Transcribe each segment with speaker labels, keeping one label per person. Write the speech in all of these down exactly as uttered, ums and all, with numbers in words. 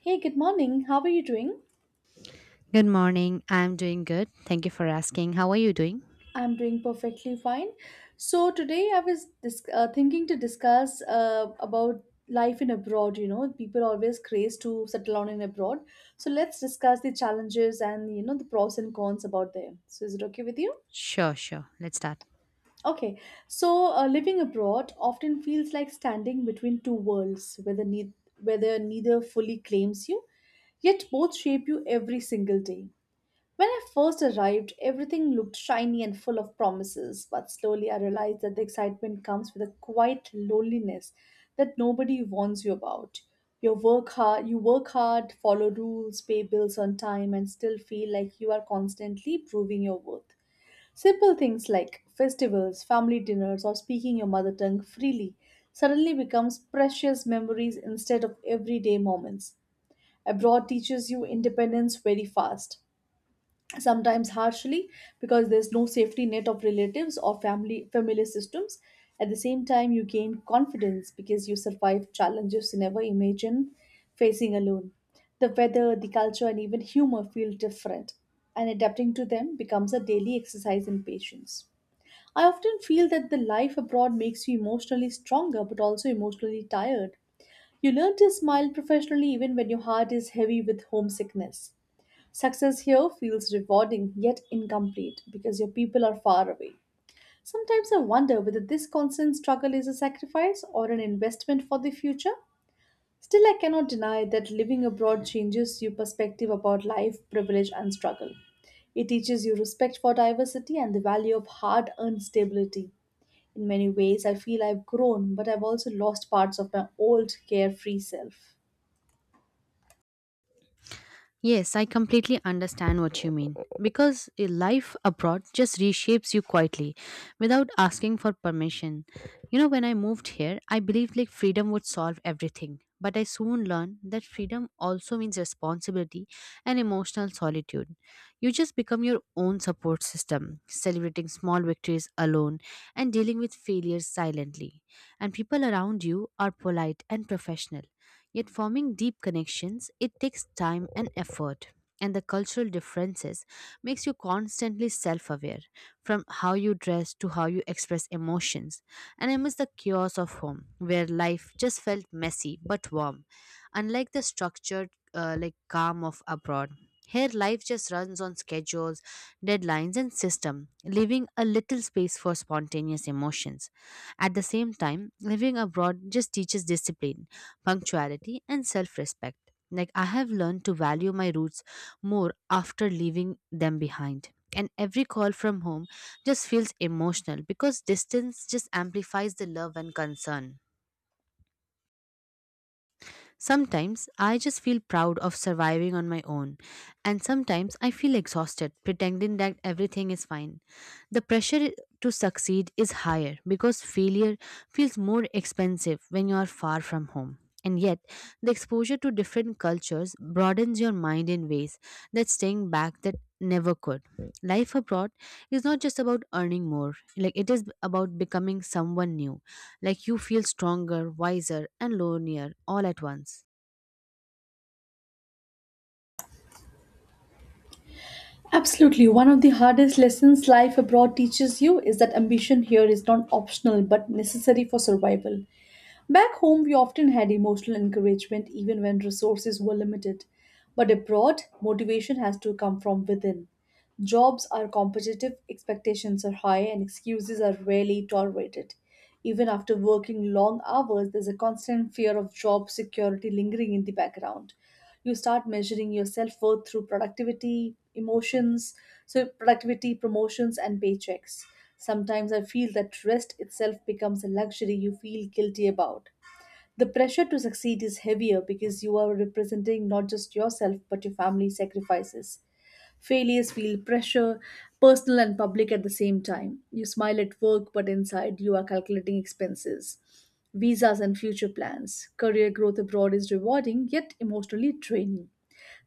Speaker 1: Hey, good morning. How are you doing?
Speaker 2: Good morning. I'm doing good. Thank you for asking. How are you doing?
Speaker 1: I'm doing perfectly fine. So today I was dis- uh, thinking to discuss uh, about life in abroad. You know, people always craze to settle down in abroad. So let's discuss the challenges and you know the pros and cons about them. So is it okay with you?
Speaker 2: Sure, sure. Let's start.
Speaker 1: Okay. So uh, living abroad often feels like standing between two worlds, whether need whether neither fully claims you, yet both shape you every single day. When I first arrived, everything looked shiny and full of promises, but slowly I realized that the excitement comes with a quiet loneliness that nobody warns you about. You work hard, you work hard, follow rules, pay bills on time and still feel like you are constantly proving your worth. Simple things like festivals, family dinners or speaking your mother tongue freely suddenly becomes precious memories instead of everyday moments. Abroad teaches you independence very fast, sometimes harshly, because there's no safety net of relatives or family familiar systems. At the same time, you gain confidence because you survive challenges you never imagined facing alone. The weather, the culture and even humor feel different, and adapting to them becomes a daily exercise in patience. I often feel that the life abroad makes you emotionally stronger but also emotionally tired. You learn to smile professionally even when your heart is heavy with homesickness. Success here feels rewarding yet incomplete because your people are far away. Sometimes I wonder whether this constant struggle is a sacrifice or an investment for the future. Still, I cannot deny that living abroad changes your perspective about life, privilege, and struggle. It teaches you respect for diversity and the value of hard earned stability. In many ways, I feel I've grown, but I've also lost parts of my old carefree self.
Speaker 2: Yes, I completely understand what you mean. Because a life abroad just reshapes you quietly without asking for permission. You know, when I moved here, I believed like freedom would solve everything. But I soon learned that freedom also means responsibility and emotional solitude. You just become your own support system, celebrating small victories alone and dealing with failures silently. And people around you are polite and professional, yet forming deep connections, it takes time and effort. And the cultural differences makes you constantly self-aware, from how you dress to how you express emotions. And I miss the chaos of home, where life just felt messy but warm, unlike the structured, uh, like calm of abroad. Here, life just runs on schedules, deadlines, and system, leaving a little space for spontaneous emotions. At the same time, living abroad just teaches discipline, punctuality, and self respect. Like, I have learned to value my roots more after leaving them behind. And every call from home just feels emotional because distance just amplifies the love and concern. Sometimes I just feel proud of surviving on my own, and sometimes I feel exhausted pretending that everything is fine. The pressure to succeed is higher because failure feels more expensive when you are far from home. And yet, the exposure to different cultures broadens your mind in ways that staying back that never could. Life abroad is not just about earning more, like it is about becoming someone new, like you feel stronger, wiser, and lonelier all at once.
Speaker 1: Absolutely. One of the hardest lessons life abroad teaches you is that ambition here is not optional but necessary for survival. Back home, we often had emotional encouragement even when resources were limited. But abroad, motivation has to come from within. Jobs are competitive, expectations are high, and excuses are rarely tolerated. Even after working long hours, there's a constant fear of job security lingering in the background. You start measuring your self worth through productivity, emotions, so productivity, promotions, and paychecks. Sometimes I feel that rest itself becomes a luxury you feel guilty about. The pressure to succeed is heavier because you are representing not just yourself but your family sacrifices. Failures feel pressure, personal and public at the same time. You smile at work, but inside you are calculating expenses, visas, and future plans. Career growth abroad is rewarding, yet emotionally draining.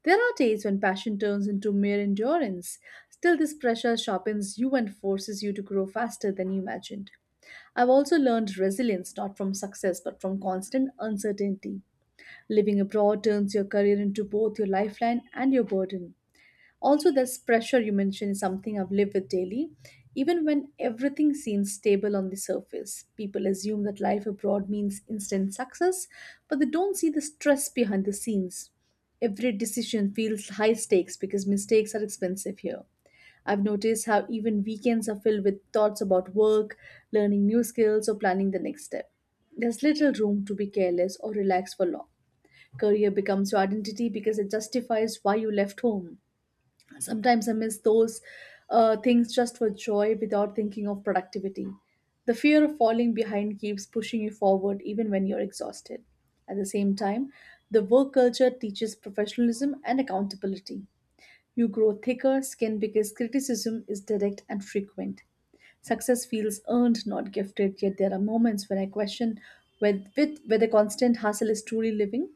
Speaker 1: There are days when passion turns into mere endurance. Still, this pressure sharpens you and forces you to grow faster than you imagined. I've also learned resilience not from success but from constant uncertainty. Living abroad turns your career into both your lifeline and your burden. Also, this pressure you mentioned is something I've lived with daily. Even when everything seems stable on the surface, people assume that life abroad means instant success, but they don't see the stress behind the scenes. Every decision feels high stakes because mistakes are expensive here. I've noticed how even weekends are filled with thoughts about work, learning new skills, or planning the next step. There's little room to be careless or relax for long. Career becomes your identity because it justifies why you left home. Sometimes I miss those uh, things just for joy without thinking of productivity. The fear of falling behind keeps pushing you forward even when you're exhausted. At the same time, the work culture teaches professionalism and accountability. You grow thicker skin because criticism is direct and frequent. Success feels earned, not gifted, yet there are moments when I question whether, with, whether constant hustle is truly living.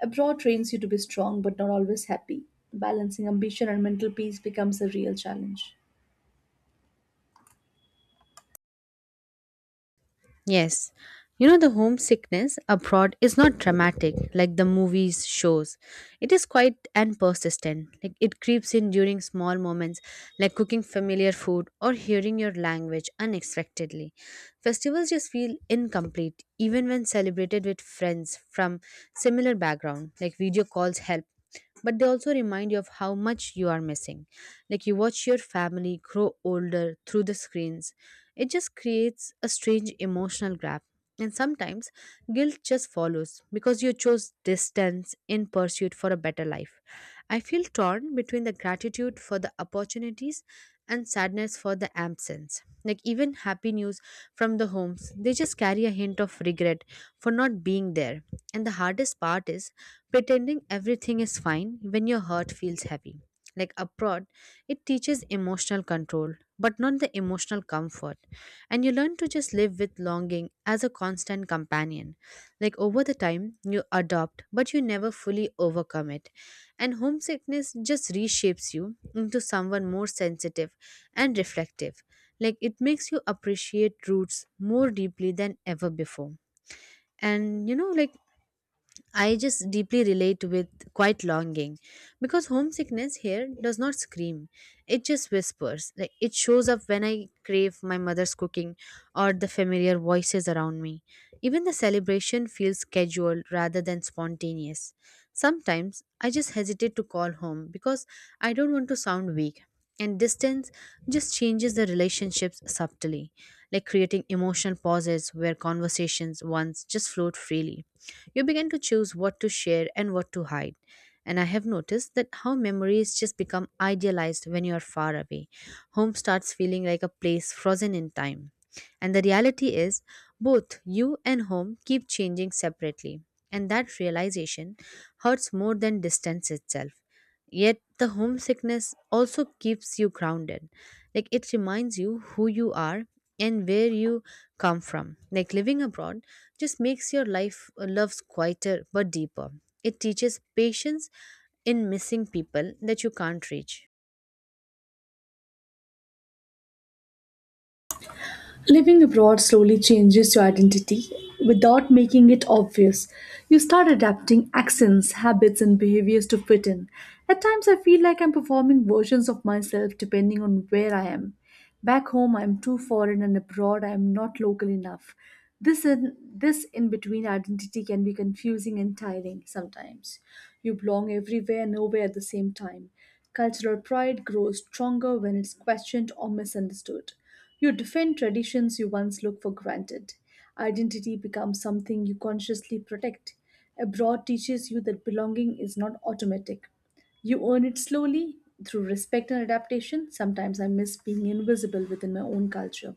Speaker 1: Abroad trains you to be strong but not always happy. Balancing ambition and mental peace becomes a real challenge.
Speaker 2: Yes. You know, the homesickness abroad is not dramatic like the movies shows. It is quite and persistent. Like it creeps in during small moments like cooking familiar food or hearing your language unexpectedly. Festivals just feel incomplete even when celebrated with friends from similar background. Like video calls help, but they also remind you of how much you are missing. Like you watch your family grow older through the screens, it just creates a strange emotional grab. And sometimes guilt just follows because you chose distance in pursuit for a better life. I feel torn between the gratitude for the opportunities and sadness for the absence. Like even happy news from the homes, they just carry a hint of regret for not being there. And the hardest part is pretending everything is fine when your heart feels heavy. Like abroad, it teaches emotional control, but not the emotional comfort, and you learn to just live with longing as a constant companion. Like over the time, you adopt, but you never fully overcome it. And homesickness just reshapes you into someone more sensitive and reflective. Like it makes you appreciate roots more deeply than ever before. And you know, like I just deeply relate with quite longing, because homesickness here does not scream. It just whispers. Like it shows up when I crave my mother's cooking or the familiar voices around me. Even the celebration feels scheduled rather than spontaneous. Sometimes I just hesitate to call home because I don't want to sound weak. And distance just changes the relationships subtly, like creating emotional pauses where conversations once just flowed freely. You begin to choose what to share and what to hide. And I have noticed that how memories just become idealized when you are far away. Home starts feeling like a place frozen in time. And the reality is, both you and home keep changing separately. And that realization hurts more than distance itself. Yet the homesickness also keeps you grounded. Like it reminds you who you are and where you come from. Like living abroad just makes your life uh, loves quieter but deeper. It teaches patience in missing people that you can't reach.
Speaker 1: Living abroad slowly changes your identity without making it obvious. You start adapting accents, habits, and behaviors to fit in. At times, I feel like I'm performing versions of myself depending on where I am. Back home, I'm too foreign, and abroad, I'm not local enough. This in, this in between identity can be confusing and tiring sometimes. You belong everywhere, nowhere at the same time. Cultural pride grows stronger when it's questioned or misunderstood. You defend traditions you once look for granted. Identity becomes something you consciously protect. Abroad teaches you that belonging is not automatic. You earn it slowly through respect and adaptation. Sometimes I miss being invisible within my own culture.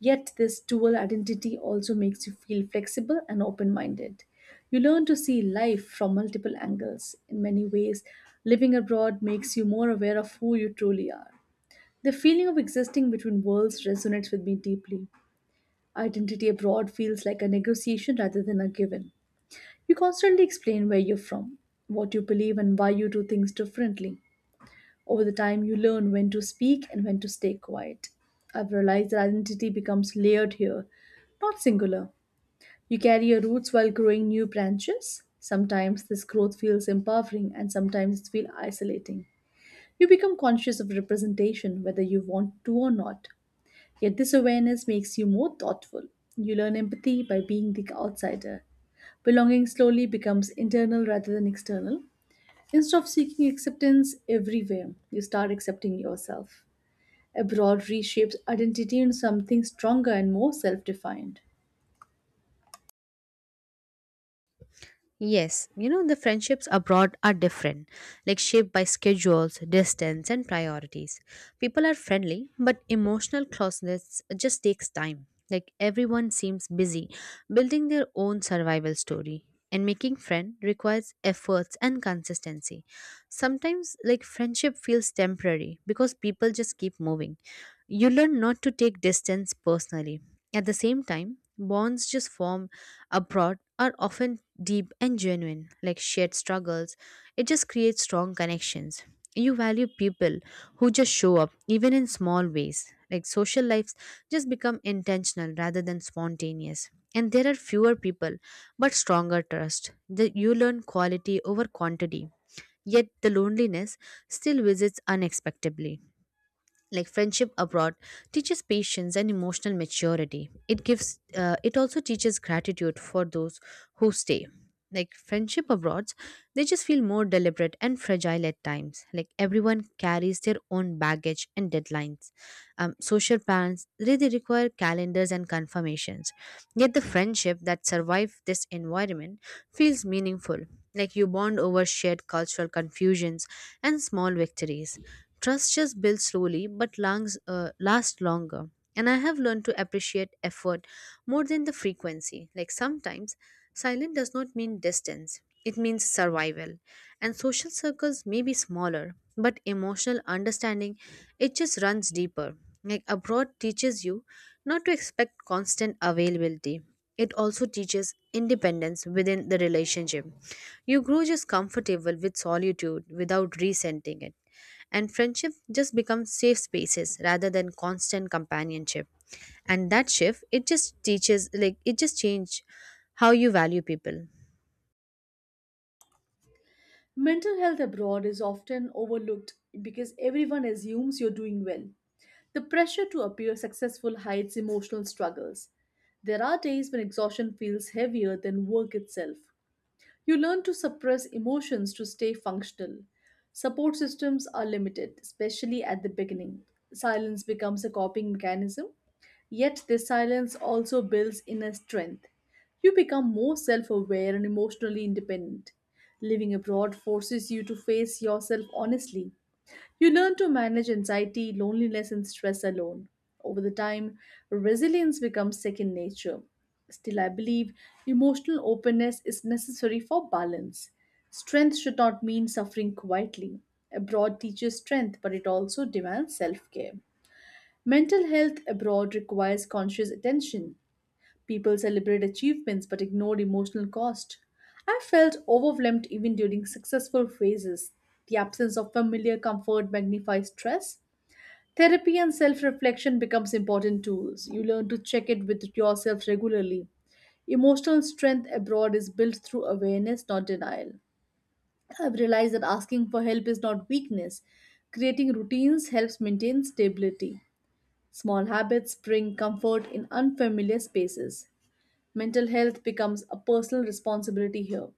Speaker 1: Yet, this dual identity also makes you feel flexible and open minded. You learn to see life from multiple angles. In many ways, living abroad makes you more aware of who you truly are. The feeling of existing between worlds resonates with me deeply. Identity abroad feels like a negotiation rather than a given. You constantly explain where you're from, what you believe, and why you do things differently. Over the time, you learn when to speak and when to stay quiet. I've realized that identity becomes layered here, not singular. You carry your roots while growing new branches. Sometimes this growth feels empowering and sometimes it feels isolating. You become conscious of representation whether you want to or not. Yet this awareness makes you more thoughtful. You learn empathy by being the outsider. Belonging slowly becomes internal rather than external. Instead of seeking acceptance everywhere, you start accepting yourself. Abroad reshapes identity into something stronger and more self defined.
Speaker 2: Yes, you know, the friendships abroad are different, like shaped by schedules, distance, and priorities. People are friendly, but emotional closeness just takes time. Like everyone seems busy building their own survival story, and making friend requires efforts and consistency. Sometimes, like friendship feels temporary because people just keep moving, you learn not to take distance personally. At the same time, bonds just form abroad are often deep and genuine, like shared struggles. It just creates strong connections. You value people who just show up, even in small ways. Like social lives just become intentional rather than spontaneous. And there are fewer people, but stronger trust. The, you learn quality over quantity. Yet the loneliness still visits unexpectedly, like friendship abroad teaches patience and emotional maturity. It gives uh, it also teaches gratitude for those who stay. Like friendship abroad, they just feel more deliberate and fragile at times, like everyone carries their own baggage and deadlines. Um, social plans, they, they require calendars and confirmations. Yet the friendship that survive this environment feels meaningful, like you bond over shared cultural confusions and small victories. Trust just builds slowly but langs, uh, lasts longer. And I have learned to appreciate effort more than the frequency. Like sometimes, silence does not mean distance, it means survival. And social circles may be smaller, but emotional understanding, it just runs deeper. Like abroad teaches you not to expect constant availability. It also teaches independence within the relationship. You grow just comfortable with solitude without resenting it. And friendship just becomes safe spaces rather than constant companionship. And that shift, it just teaches, like, it just changed how you value people.
Speaker 1: Mental health abroad is often overlooked because everyone assumes you're doing well. The pressure to appear successful hides emotional struggles. There are days when exhaustion feels heavier than work itself. You learn to suppress emotions to stay functional. Support systems are limited, especially at the beginning. Silence becomes a coping mechanism, yet, this silence also builds inner strength. You become more self aware and emotionally independent. Living abroad forces you to face yourself honestly. You learn to manage anxiety, loneliness, and stress alone. Over the time, resilience becomes second nature. Still, I believe emotional openness is necessary for balance. Strength should not mean suffering quietly. Abroad teaches strength, but it also demands self care. Mental health abroad requires conscious attention. People celebrate achievements but ignore emotional cost. I felt overwhelmed even during successful phases. The absence of familiar comfort magnifies stress. Therapy and self-reflection becomes important tools. You learn to check it with yourself regularly. Emotional strength abroad is built through awareness, not denial. I've realized that asking for help is not weakness. Creating routines helps maintain stability. Small habits bring comfort in unfamiliar spaces. Mental health becomes a personal responsibility here.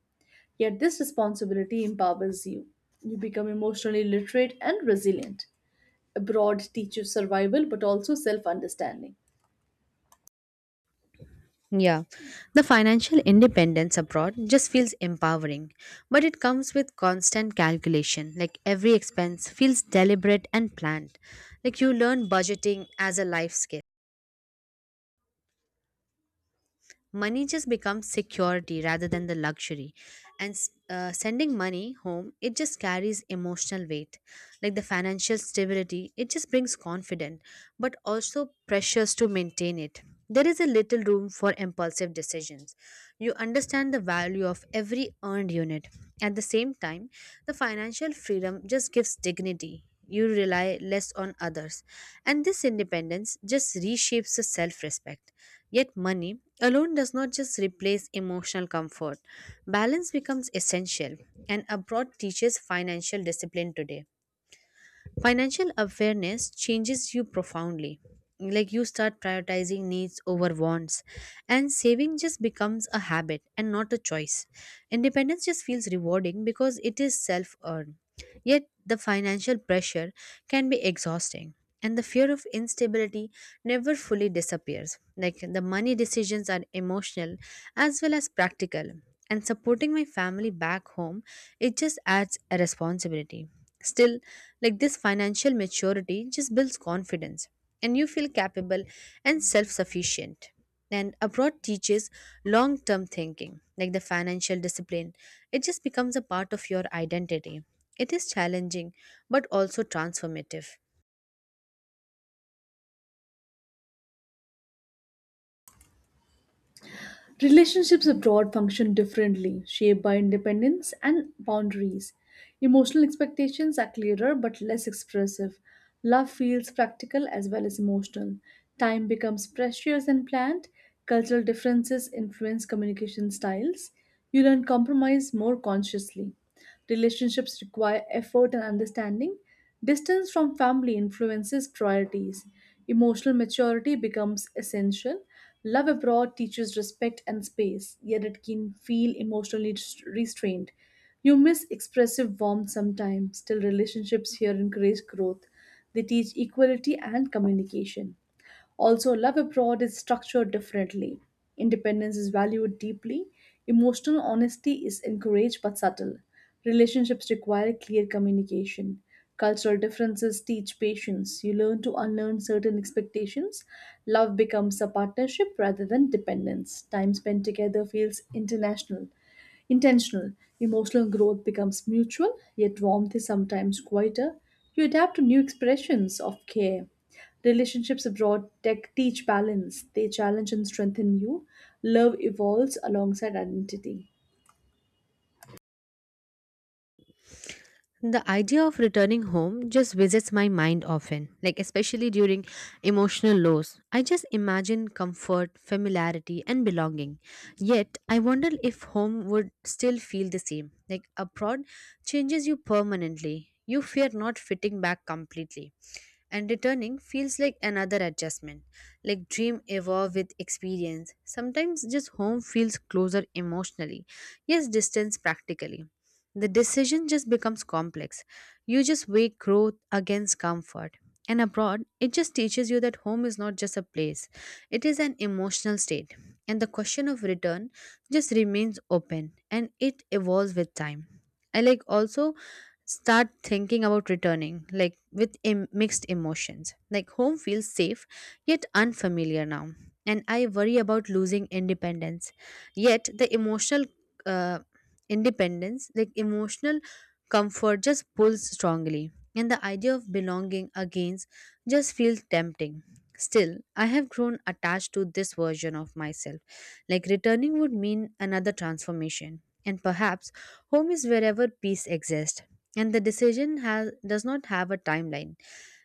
Speaker 1: Yet this responsibility empowers you. You become emotionally literate and resilient. Abroad teaches survival but also self understanding.
Speaker 2: Yeah, the financial independence abroad just feels empowering, but it comes with constant calculation. Like every expense feels deliberate and planned. Like you learn budgeting as a life skill. Money just becomes security rather than the luxury, and uh, sending money home, it just carries emotional weight. Like the financial stability, it just brings confidence but also pressures to maintain it. There is a little room for impulsive decisions. You understand the value of every earned unit. At the same time, the financial freedom just gives dignity, you rely less on others. And this independence just reshapes the self respect. Yet, money alone does not just replace emotional comfort, balance becomes essential, and abroad teaches financial discipline today. Financial awareness changes you profoundly. Like you start prioritizing needs over wants, and saving just becomes a habit and not a choice. Independence just feels rewarding because it is self earned. Yet, the financial pressure can be exhausting, and the fear of instability never fully disappears. Like the money decisions are emotional as well as practical, and supporting my family back home, it just adds a responsibility. Still, like this financial maturity just builds confidence, and you feel capable and self sufficient, and abroad teaches long term thinking. Like the financial discipline, it just becomes a part of your identity. It is challenging but also transformative.
Speaker 1: Relationships abroad function differently, shaped by independence and boundaries. Emotional expectations are clearer but less expressive. Love feels practical as well as emotional. Time becomes precious and planned. Cultural differences influence communication styles. You learn compromise more consciously. Relationships require effort and understanding. Distance from family influences priorities. Emotional maturity becomes essential. Love abroad teaches respect and space, yet it can feel emotionally rest- restrained. You miss expressive warmth sometimes, still, relationships here encourage growth. They teach equality and communication. Also, love abroad is structured differently. Independence is valued deeply, emotional honesty is encouraged but subtle. Relationships require clear communication. Cultural differences teach patience. You learn to unlearn certain expectations. Love becomes a partnership rather than dependence. Time spent together feels international intentional. Emotional growth becomes mutual, yet warmth is sometimes quieter. You adapt to new expressions of care. Relationships abroad tech teach balance, they challenge and strengthen you. Love evolves alongside identity.
Speaker 2: The idea of returning home just visits my mind often, like especially during emotional lows. I just imagine comfort, familiarity, and belonging. Yet I wonder if home would still feel the same. Like abroad changes you permanently, you fear not fitting back completely, and returning feels like another adjustment. Like dream evolve with experience. Sometimes just home feels closer emotionally, yes distance practically. The decision just becomes complex. You just weigh growth against comfort. And abroad, it just teaches you that home is not just a place, it is an emotional state. And the question of return just remains open, and it evolves with time. I, like, also start thinking about returning, like with em- mixed emotions. Like home feels safe yet unfamiliar now, and I worry about losing independence. Yet the emotional, uh, independence, like emotional comfort just pulls strongly. And the idea of belonging again just feels tempting. Still, I have grown attached to this version of myself. Like returning would mean another transformation, and perhaps home is wherever peace exists. And the decision has, does not have a timeline.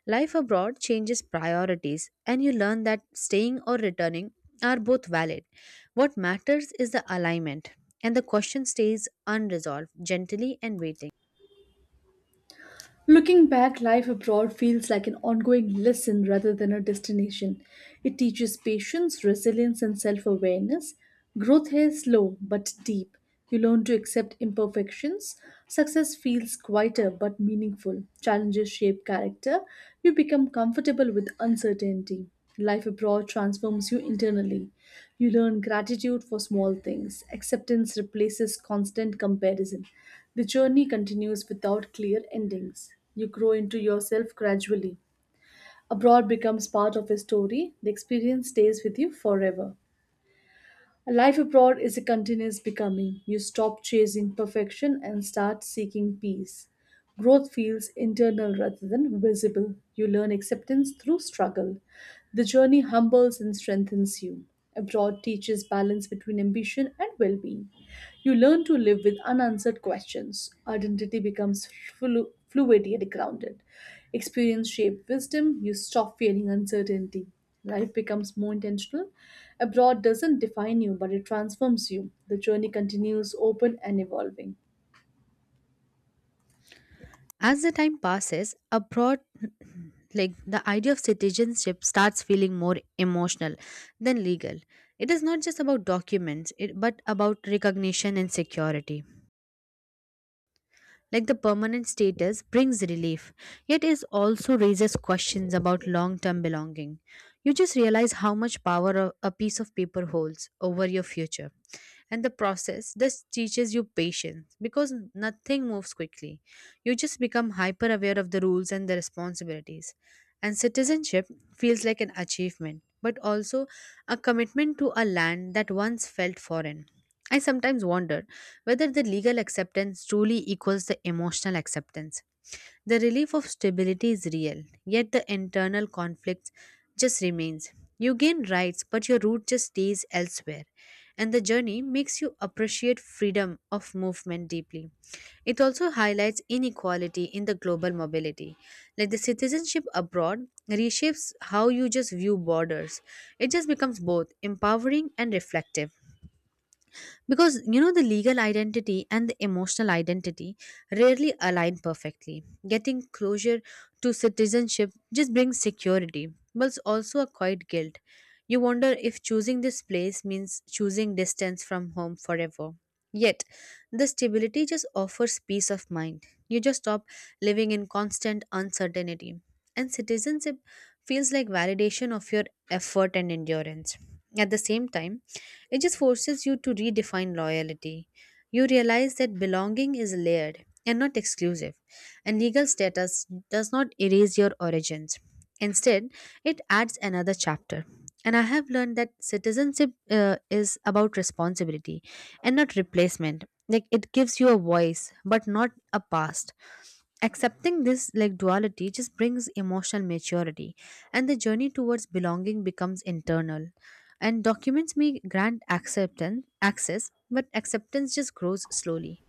Speaker 2: Life abroad changes priorities, and you learn that staying or returning are both valid. What matters is the alignment, and the question stays unresolved, gently and waiting.
Speaker 1: Looking back, life abroad feels like an ongoing lesson rather than a destination. It teaches patience, resilience, and self awareness. Growth here is slow but deep. You learn to accept imperfections. Success feels quieter but meaningful. Challenges shape character. You become comfortable with uncertainty. Life abroad transforms you internally. You learn gratitude for small things. Acceptance replaces constant comparison. The journey continues without clear endings. You grow into yourself gradually. Abroad becomes part of a story. The experience stays with you forever. A life abroad is a continuous becoming. You stop chasing perfection and start seeking peace. Growth feels internal rather than visible. You learn acceptance through struggle. The journey humbles and strengthens you. Abroad teaches balance between ambition and well being. You learn to live with unanswered questions. Identity becomes flu- fluid yet grounded. Experience shapes wisdom. You stop fearing uncertainty. Life becomes more intentional. Abroad doesn't define you, but it transforms you. The journey continues open and evolving.
Speaker 2: As the time passes, abroad, like the idea of citizenship starts feeling more emotional than legal. It is not just about documents, it, but about recognition and security. Like the permanent status brings relief, yet it also raises questions about long-term belonging. You just realize how much power a a piece of paper holds over your future. And the process this teaches you patience, because nothing moves quickly. You just become hyper aware of the rules and the responsibilities. And citizenship feels like an achievement but also a commitment to a land that once felt foreign. I sometimes wonder whether the legal acceptance truly equals the emotional acceptance. The relief of stability is real, yet the internal conflict just remains. You gain rights, but your root just stays elsewhere, and the journey makes you appreciate freedom of movement deeply. It also highlights inequality in the global mobility. Like the citizenship abroad reshapes how you just view borders. It just becomes both empowering and reflective because you know the legal identity and the emotional identity rarely align perfectly. Getting closure to citizenship just brings security, but it's also a quiet guilt. You wonder if choosing this place means choosing distance from home forever, yet the stability just offers peace of mind. You just stop living in constant uncertainty, and citizenship feels like validation of your effort and endurance. At the same time, it just forces you to redefine loyalty. You realize that belonging is layered and not exclusive, and legal status does not erase your origins. Instead, it adds another chapter. And I have learned that citizenship uh, is about responsibility and not replacement. Like, it gives you a voice, but not a past. Accepting this like duality just brings emotional maturity, and the journey towards belonging becomes internal, and documents may grant acceptance access, but acceptance just grows slowly.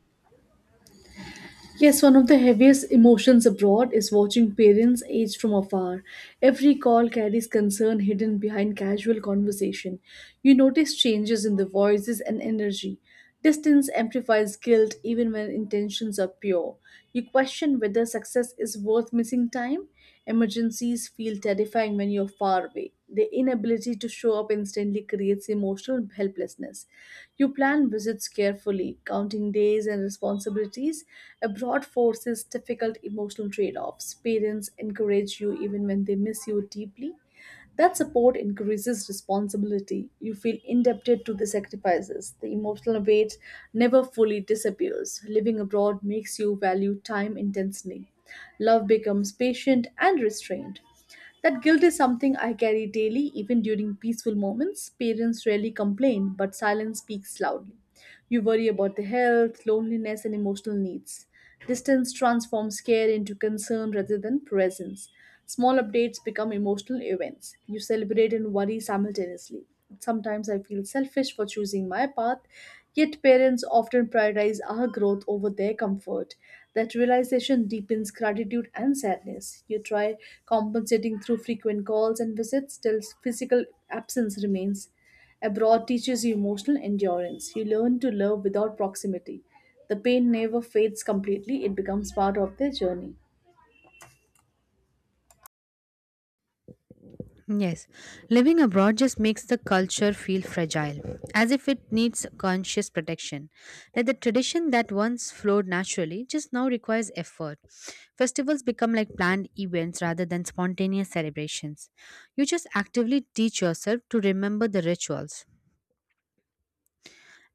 Speaker 1: Yes, one of the heaviest emotions abroad is watching parents age from afar. Every call carries concern hidden behind casual conversation. You notice changes in the voices and energy. Distance amplifies guilt even when intentions are pure. You question whether success is worth missing time. Emergencies feel terrifying when you're far away. The inability to show up instantly creates emotional helplessness. You plan visits carefully, counting days and responsibilities. Abroad forces difficult emotional trade offs. Parents encourage you even when they miss you deeply. That support increases responsibility. You feel indebted to the sacrifices. The emotional weight never fully disappears. Living abroad makes you value time intensely. Love becomes patient and restrained. That guilt is something I carry daily, even during peaceful moments. Parents rarely complain, but silence speaks loudly. You worry about their health, loneliness, and emotional needs. Distance transforms care into concern rather than presence. Small updates become emotional events. You celebrate and worry simultaneously. Sometimes I feel selfish for choosing my path, yet parents often prioritize our growth over their comfort. That realization deepens gratitude and sadness. You try compensating through frequent calls and visits till physical absence remains. Abroad teaches you emotional endurance. You learn to love without proximity. The pain never fades completely, it becomes part of their journey.
Speaker 2: Yes, living abroad just makes the culture feel fragile, as if it needs conscious protection. That the tradition that once flowed naturally just now requires effort. Festivals become like planned events rather than spontaneous celebrations. You just actively teach yourself to remember the rituals.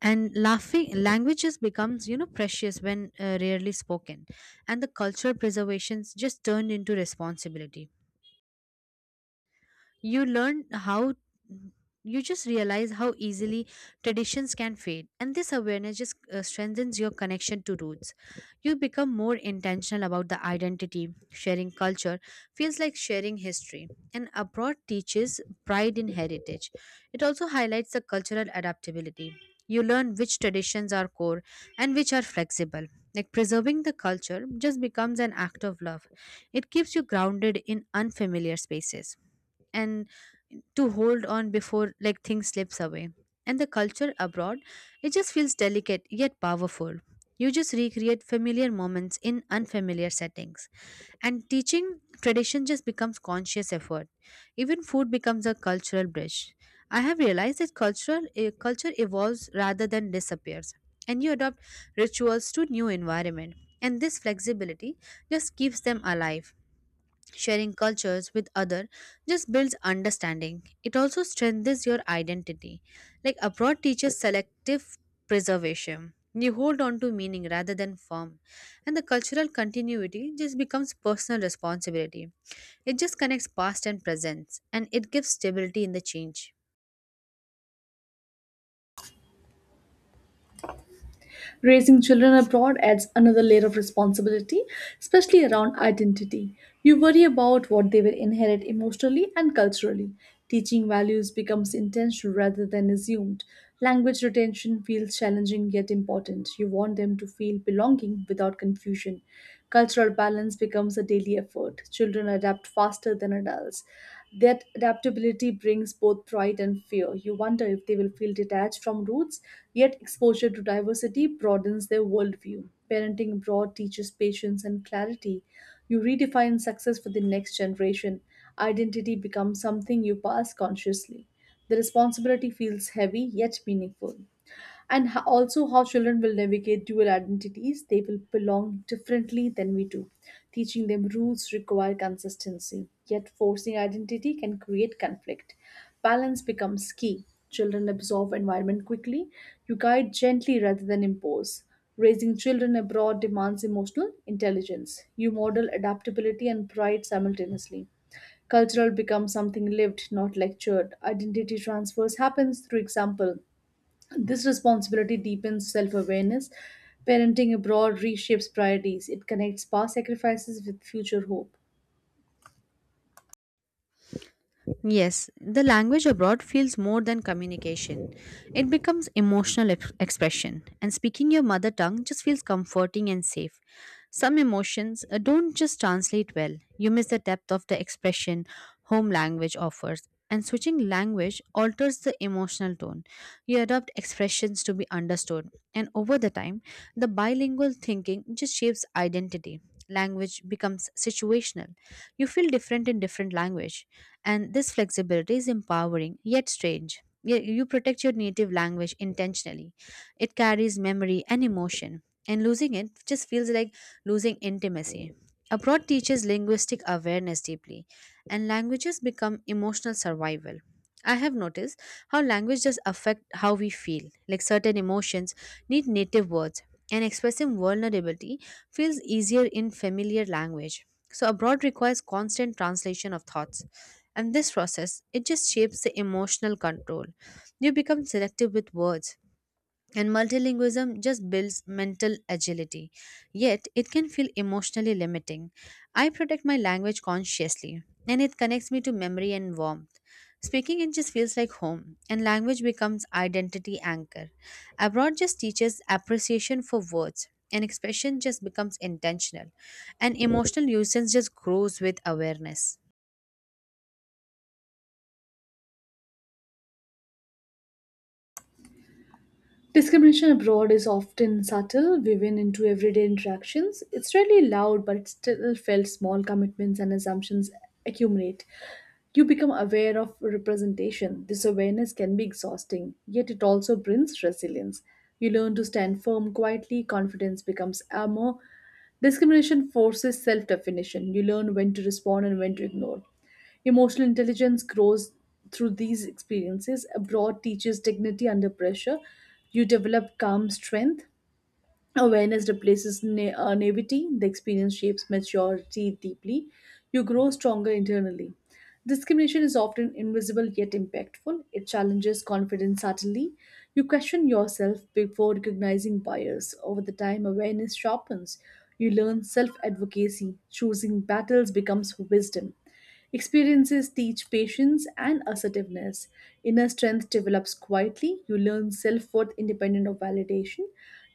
Speaker 2: And laughing languages becomes you know precious when uh, rarely spoken, and the cultural preservations just turned into responsibility. you learn how you just realize how easily traditions can fade, and this awareness just uh, strengthens your connection to roots. You become more intentional about the identity. Sharing culture feels like sharing history, and abroad teaches pride in heritage. It also highlights the cultural adaptability. You learn which traditions are core and which are flexible. Like, preserving the culture just becomes an act of love. It keeps you grounded in unfamiliar spaces, and to hold on before like things slips away. And the culture abroad, it just feels delicate yet powerful. You just recreate familiar moments in unfamiliar settings, and teaching tradition just becomes conscious effort. Even food becomes a cultural bridge. I have realized that cultural eh, culture evolves rather than disappears, and you adopt rituals to new environment, and this flexibility just keeps them alive. Sharing cultures with other just builds understanding. It also strengthens your identity. Like, abroad teaches selective preservation. You hold on to meaning rather than form. And the cultural continuity just becomes personal responsibility. It just connects past and present, and it gives stability in the change.
Speaker 1: Raising children abroad adds another layer of responsibility, especially around identity. You worry about what they will inherit emotionally and culturally. Teaching values becomes intentional rather than assumed. Language retention feels challenging yet important. You want them to feel belonging without confusion. Cultural balance becomes a daily effort. Children adapt faster faster than adults. That adaptability brings both pride and fear. You wonder if they will feel detached from roots, yet exposure to diversity broadens their worldview. Parenting abroad teaches patience and clarity. You redefine success for the next generation. Identity becomes something you pass consciously. The responsibility feels heavy yet meaningful, and ho- also how children will navigate dual identities. They will belong differently than we do. Teaching them rules require consistency, yet forcing identity can create conflict. Balance becomes key. Children absorb environment quickly. You guide gently rather than impose. Raising children abroad demands emotional intelligence. You model adaptability and pride simultaneously. Cultural becomes something lived, not lectured. Identity transfers happens through example. This responsibility deepens self awareness. Parenting abroad reshapes priorities, it connects past sacrifices with future hope.
Speaker 2: Yes, the language abroad feels more than communication. It becomes emotional ex- expression, and speaking your mother tongue just feels comforting and safe. Some emotions uh, don't just translate well. You miss the depth of the expression home language offers. And switching language alters the emotional tone. You adopt expressions to be understood. And over the time, the bilingual thinking just shapes identity. Language becomes situational. You feel different in different language. And this flexibility is empowering yet strange. Ye- You protect your native language intentionally. It carries memory and emotion. And losing it just feels like losing intimacy. Abroad teaches linguistic awareness deeply, and languages become emotional survival. I have noticed how language does affect how we feel. Like, certain emotions need native words, and expressing vulnerability feels easier in familiar language. So abroad requires constant translation of thoughts. And this process, it just shapes the emotional control. You become selective with words, and multilingualism just builds mental agility, yet it can feel emotionally limiting. I protect my language consciously, and it connects me to memory and warmth. Speaking it just feels like home, and language becomes identity anchor. Abroad just teaches appreciation for words, and expression just becomes intentional, and emotional usage just grows with awareness.
Speaker 1: Discrimination abroad is often subtle, woven into everyday interactions. It's rarely loud, but it's still felt small commitments and assumptions accumulate. You become aware of representation. This awareness can be exhausting, yet it also brings resilience. You learn to stand firm quietly, confidence becomes armor. Discrimination forces self definition. You learn when to respond and when to ignore. Emotional intelligence grows through these experiences. Abroad teaches dignity under pressure. You develop calm strength. Awareness replaces na- uh, naivety. The experience shapes maturity deeply. You grow stronger internally. Discrimination is often invisible yet impactful. It challenges confidence subtly. You question yourself before recognizing bias. Over the time, awareness sharpens. You learn self advocacy. Choosing battles becomes wisdom. Experiences teach patience and assertiveness. Inner strength develops quietly. You learn self worth independent of validation.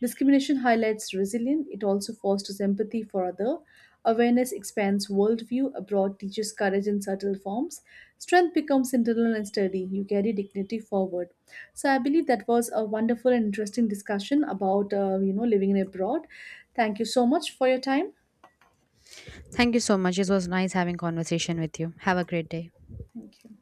Speaker 1: Discrimination highlights resilience. It also fosters empathy for other. Awareness expands worldview. Abroad teaches courage in subtle forms. Strength becomes internal and sturdy. You carry dignity forward. So I believe that was a wonderful and interesting discussion about uh, you know living abroad. Thank you so much for your time.
Speaker 2: Thank you so much. It was nice having conversation with you. Have a great day.
Speaker 1: Thank you.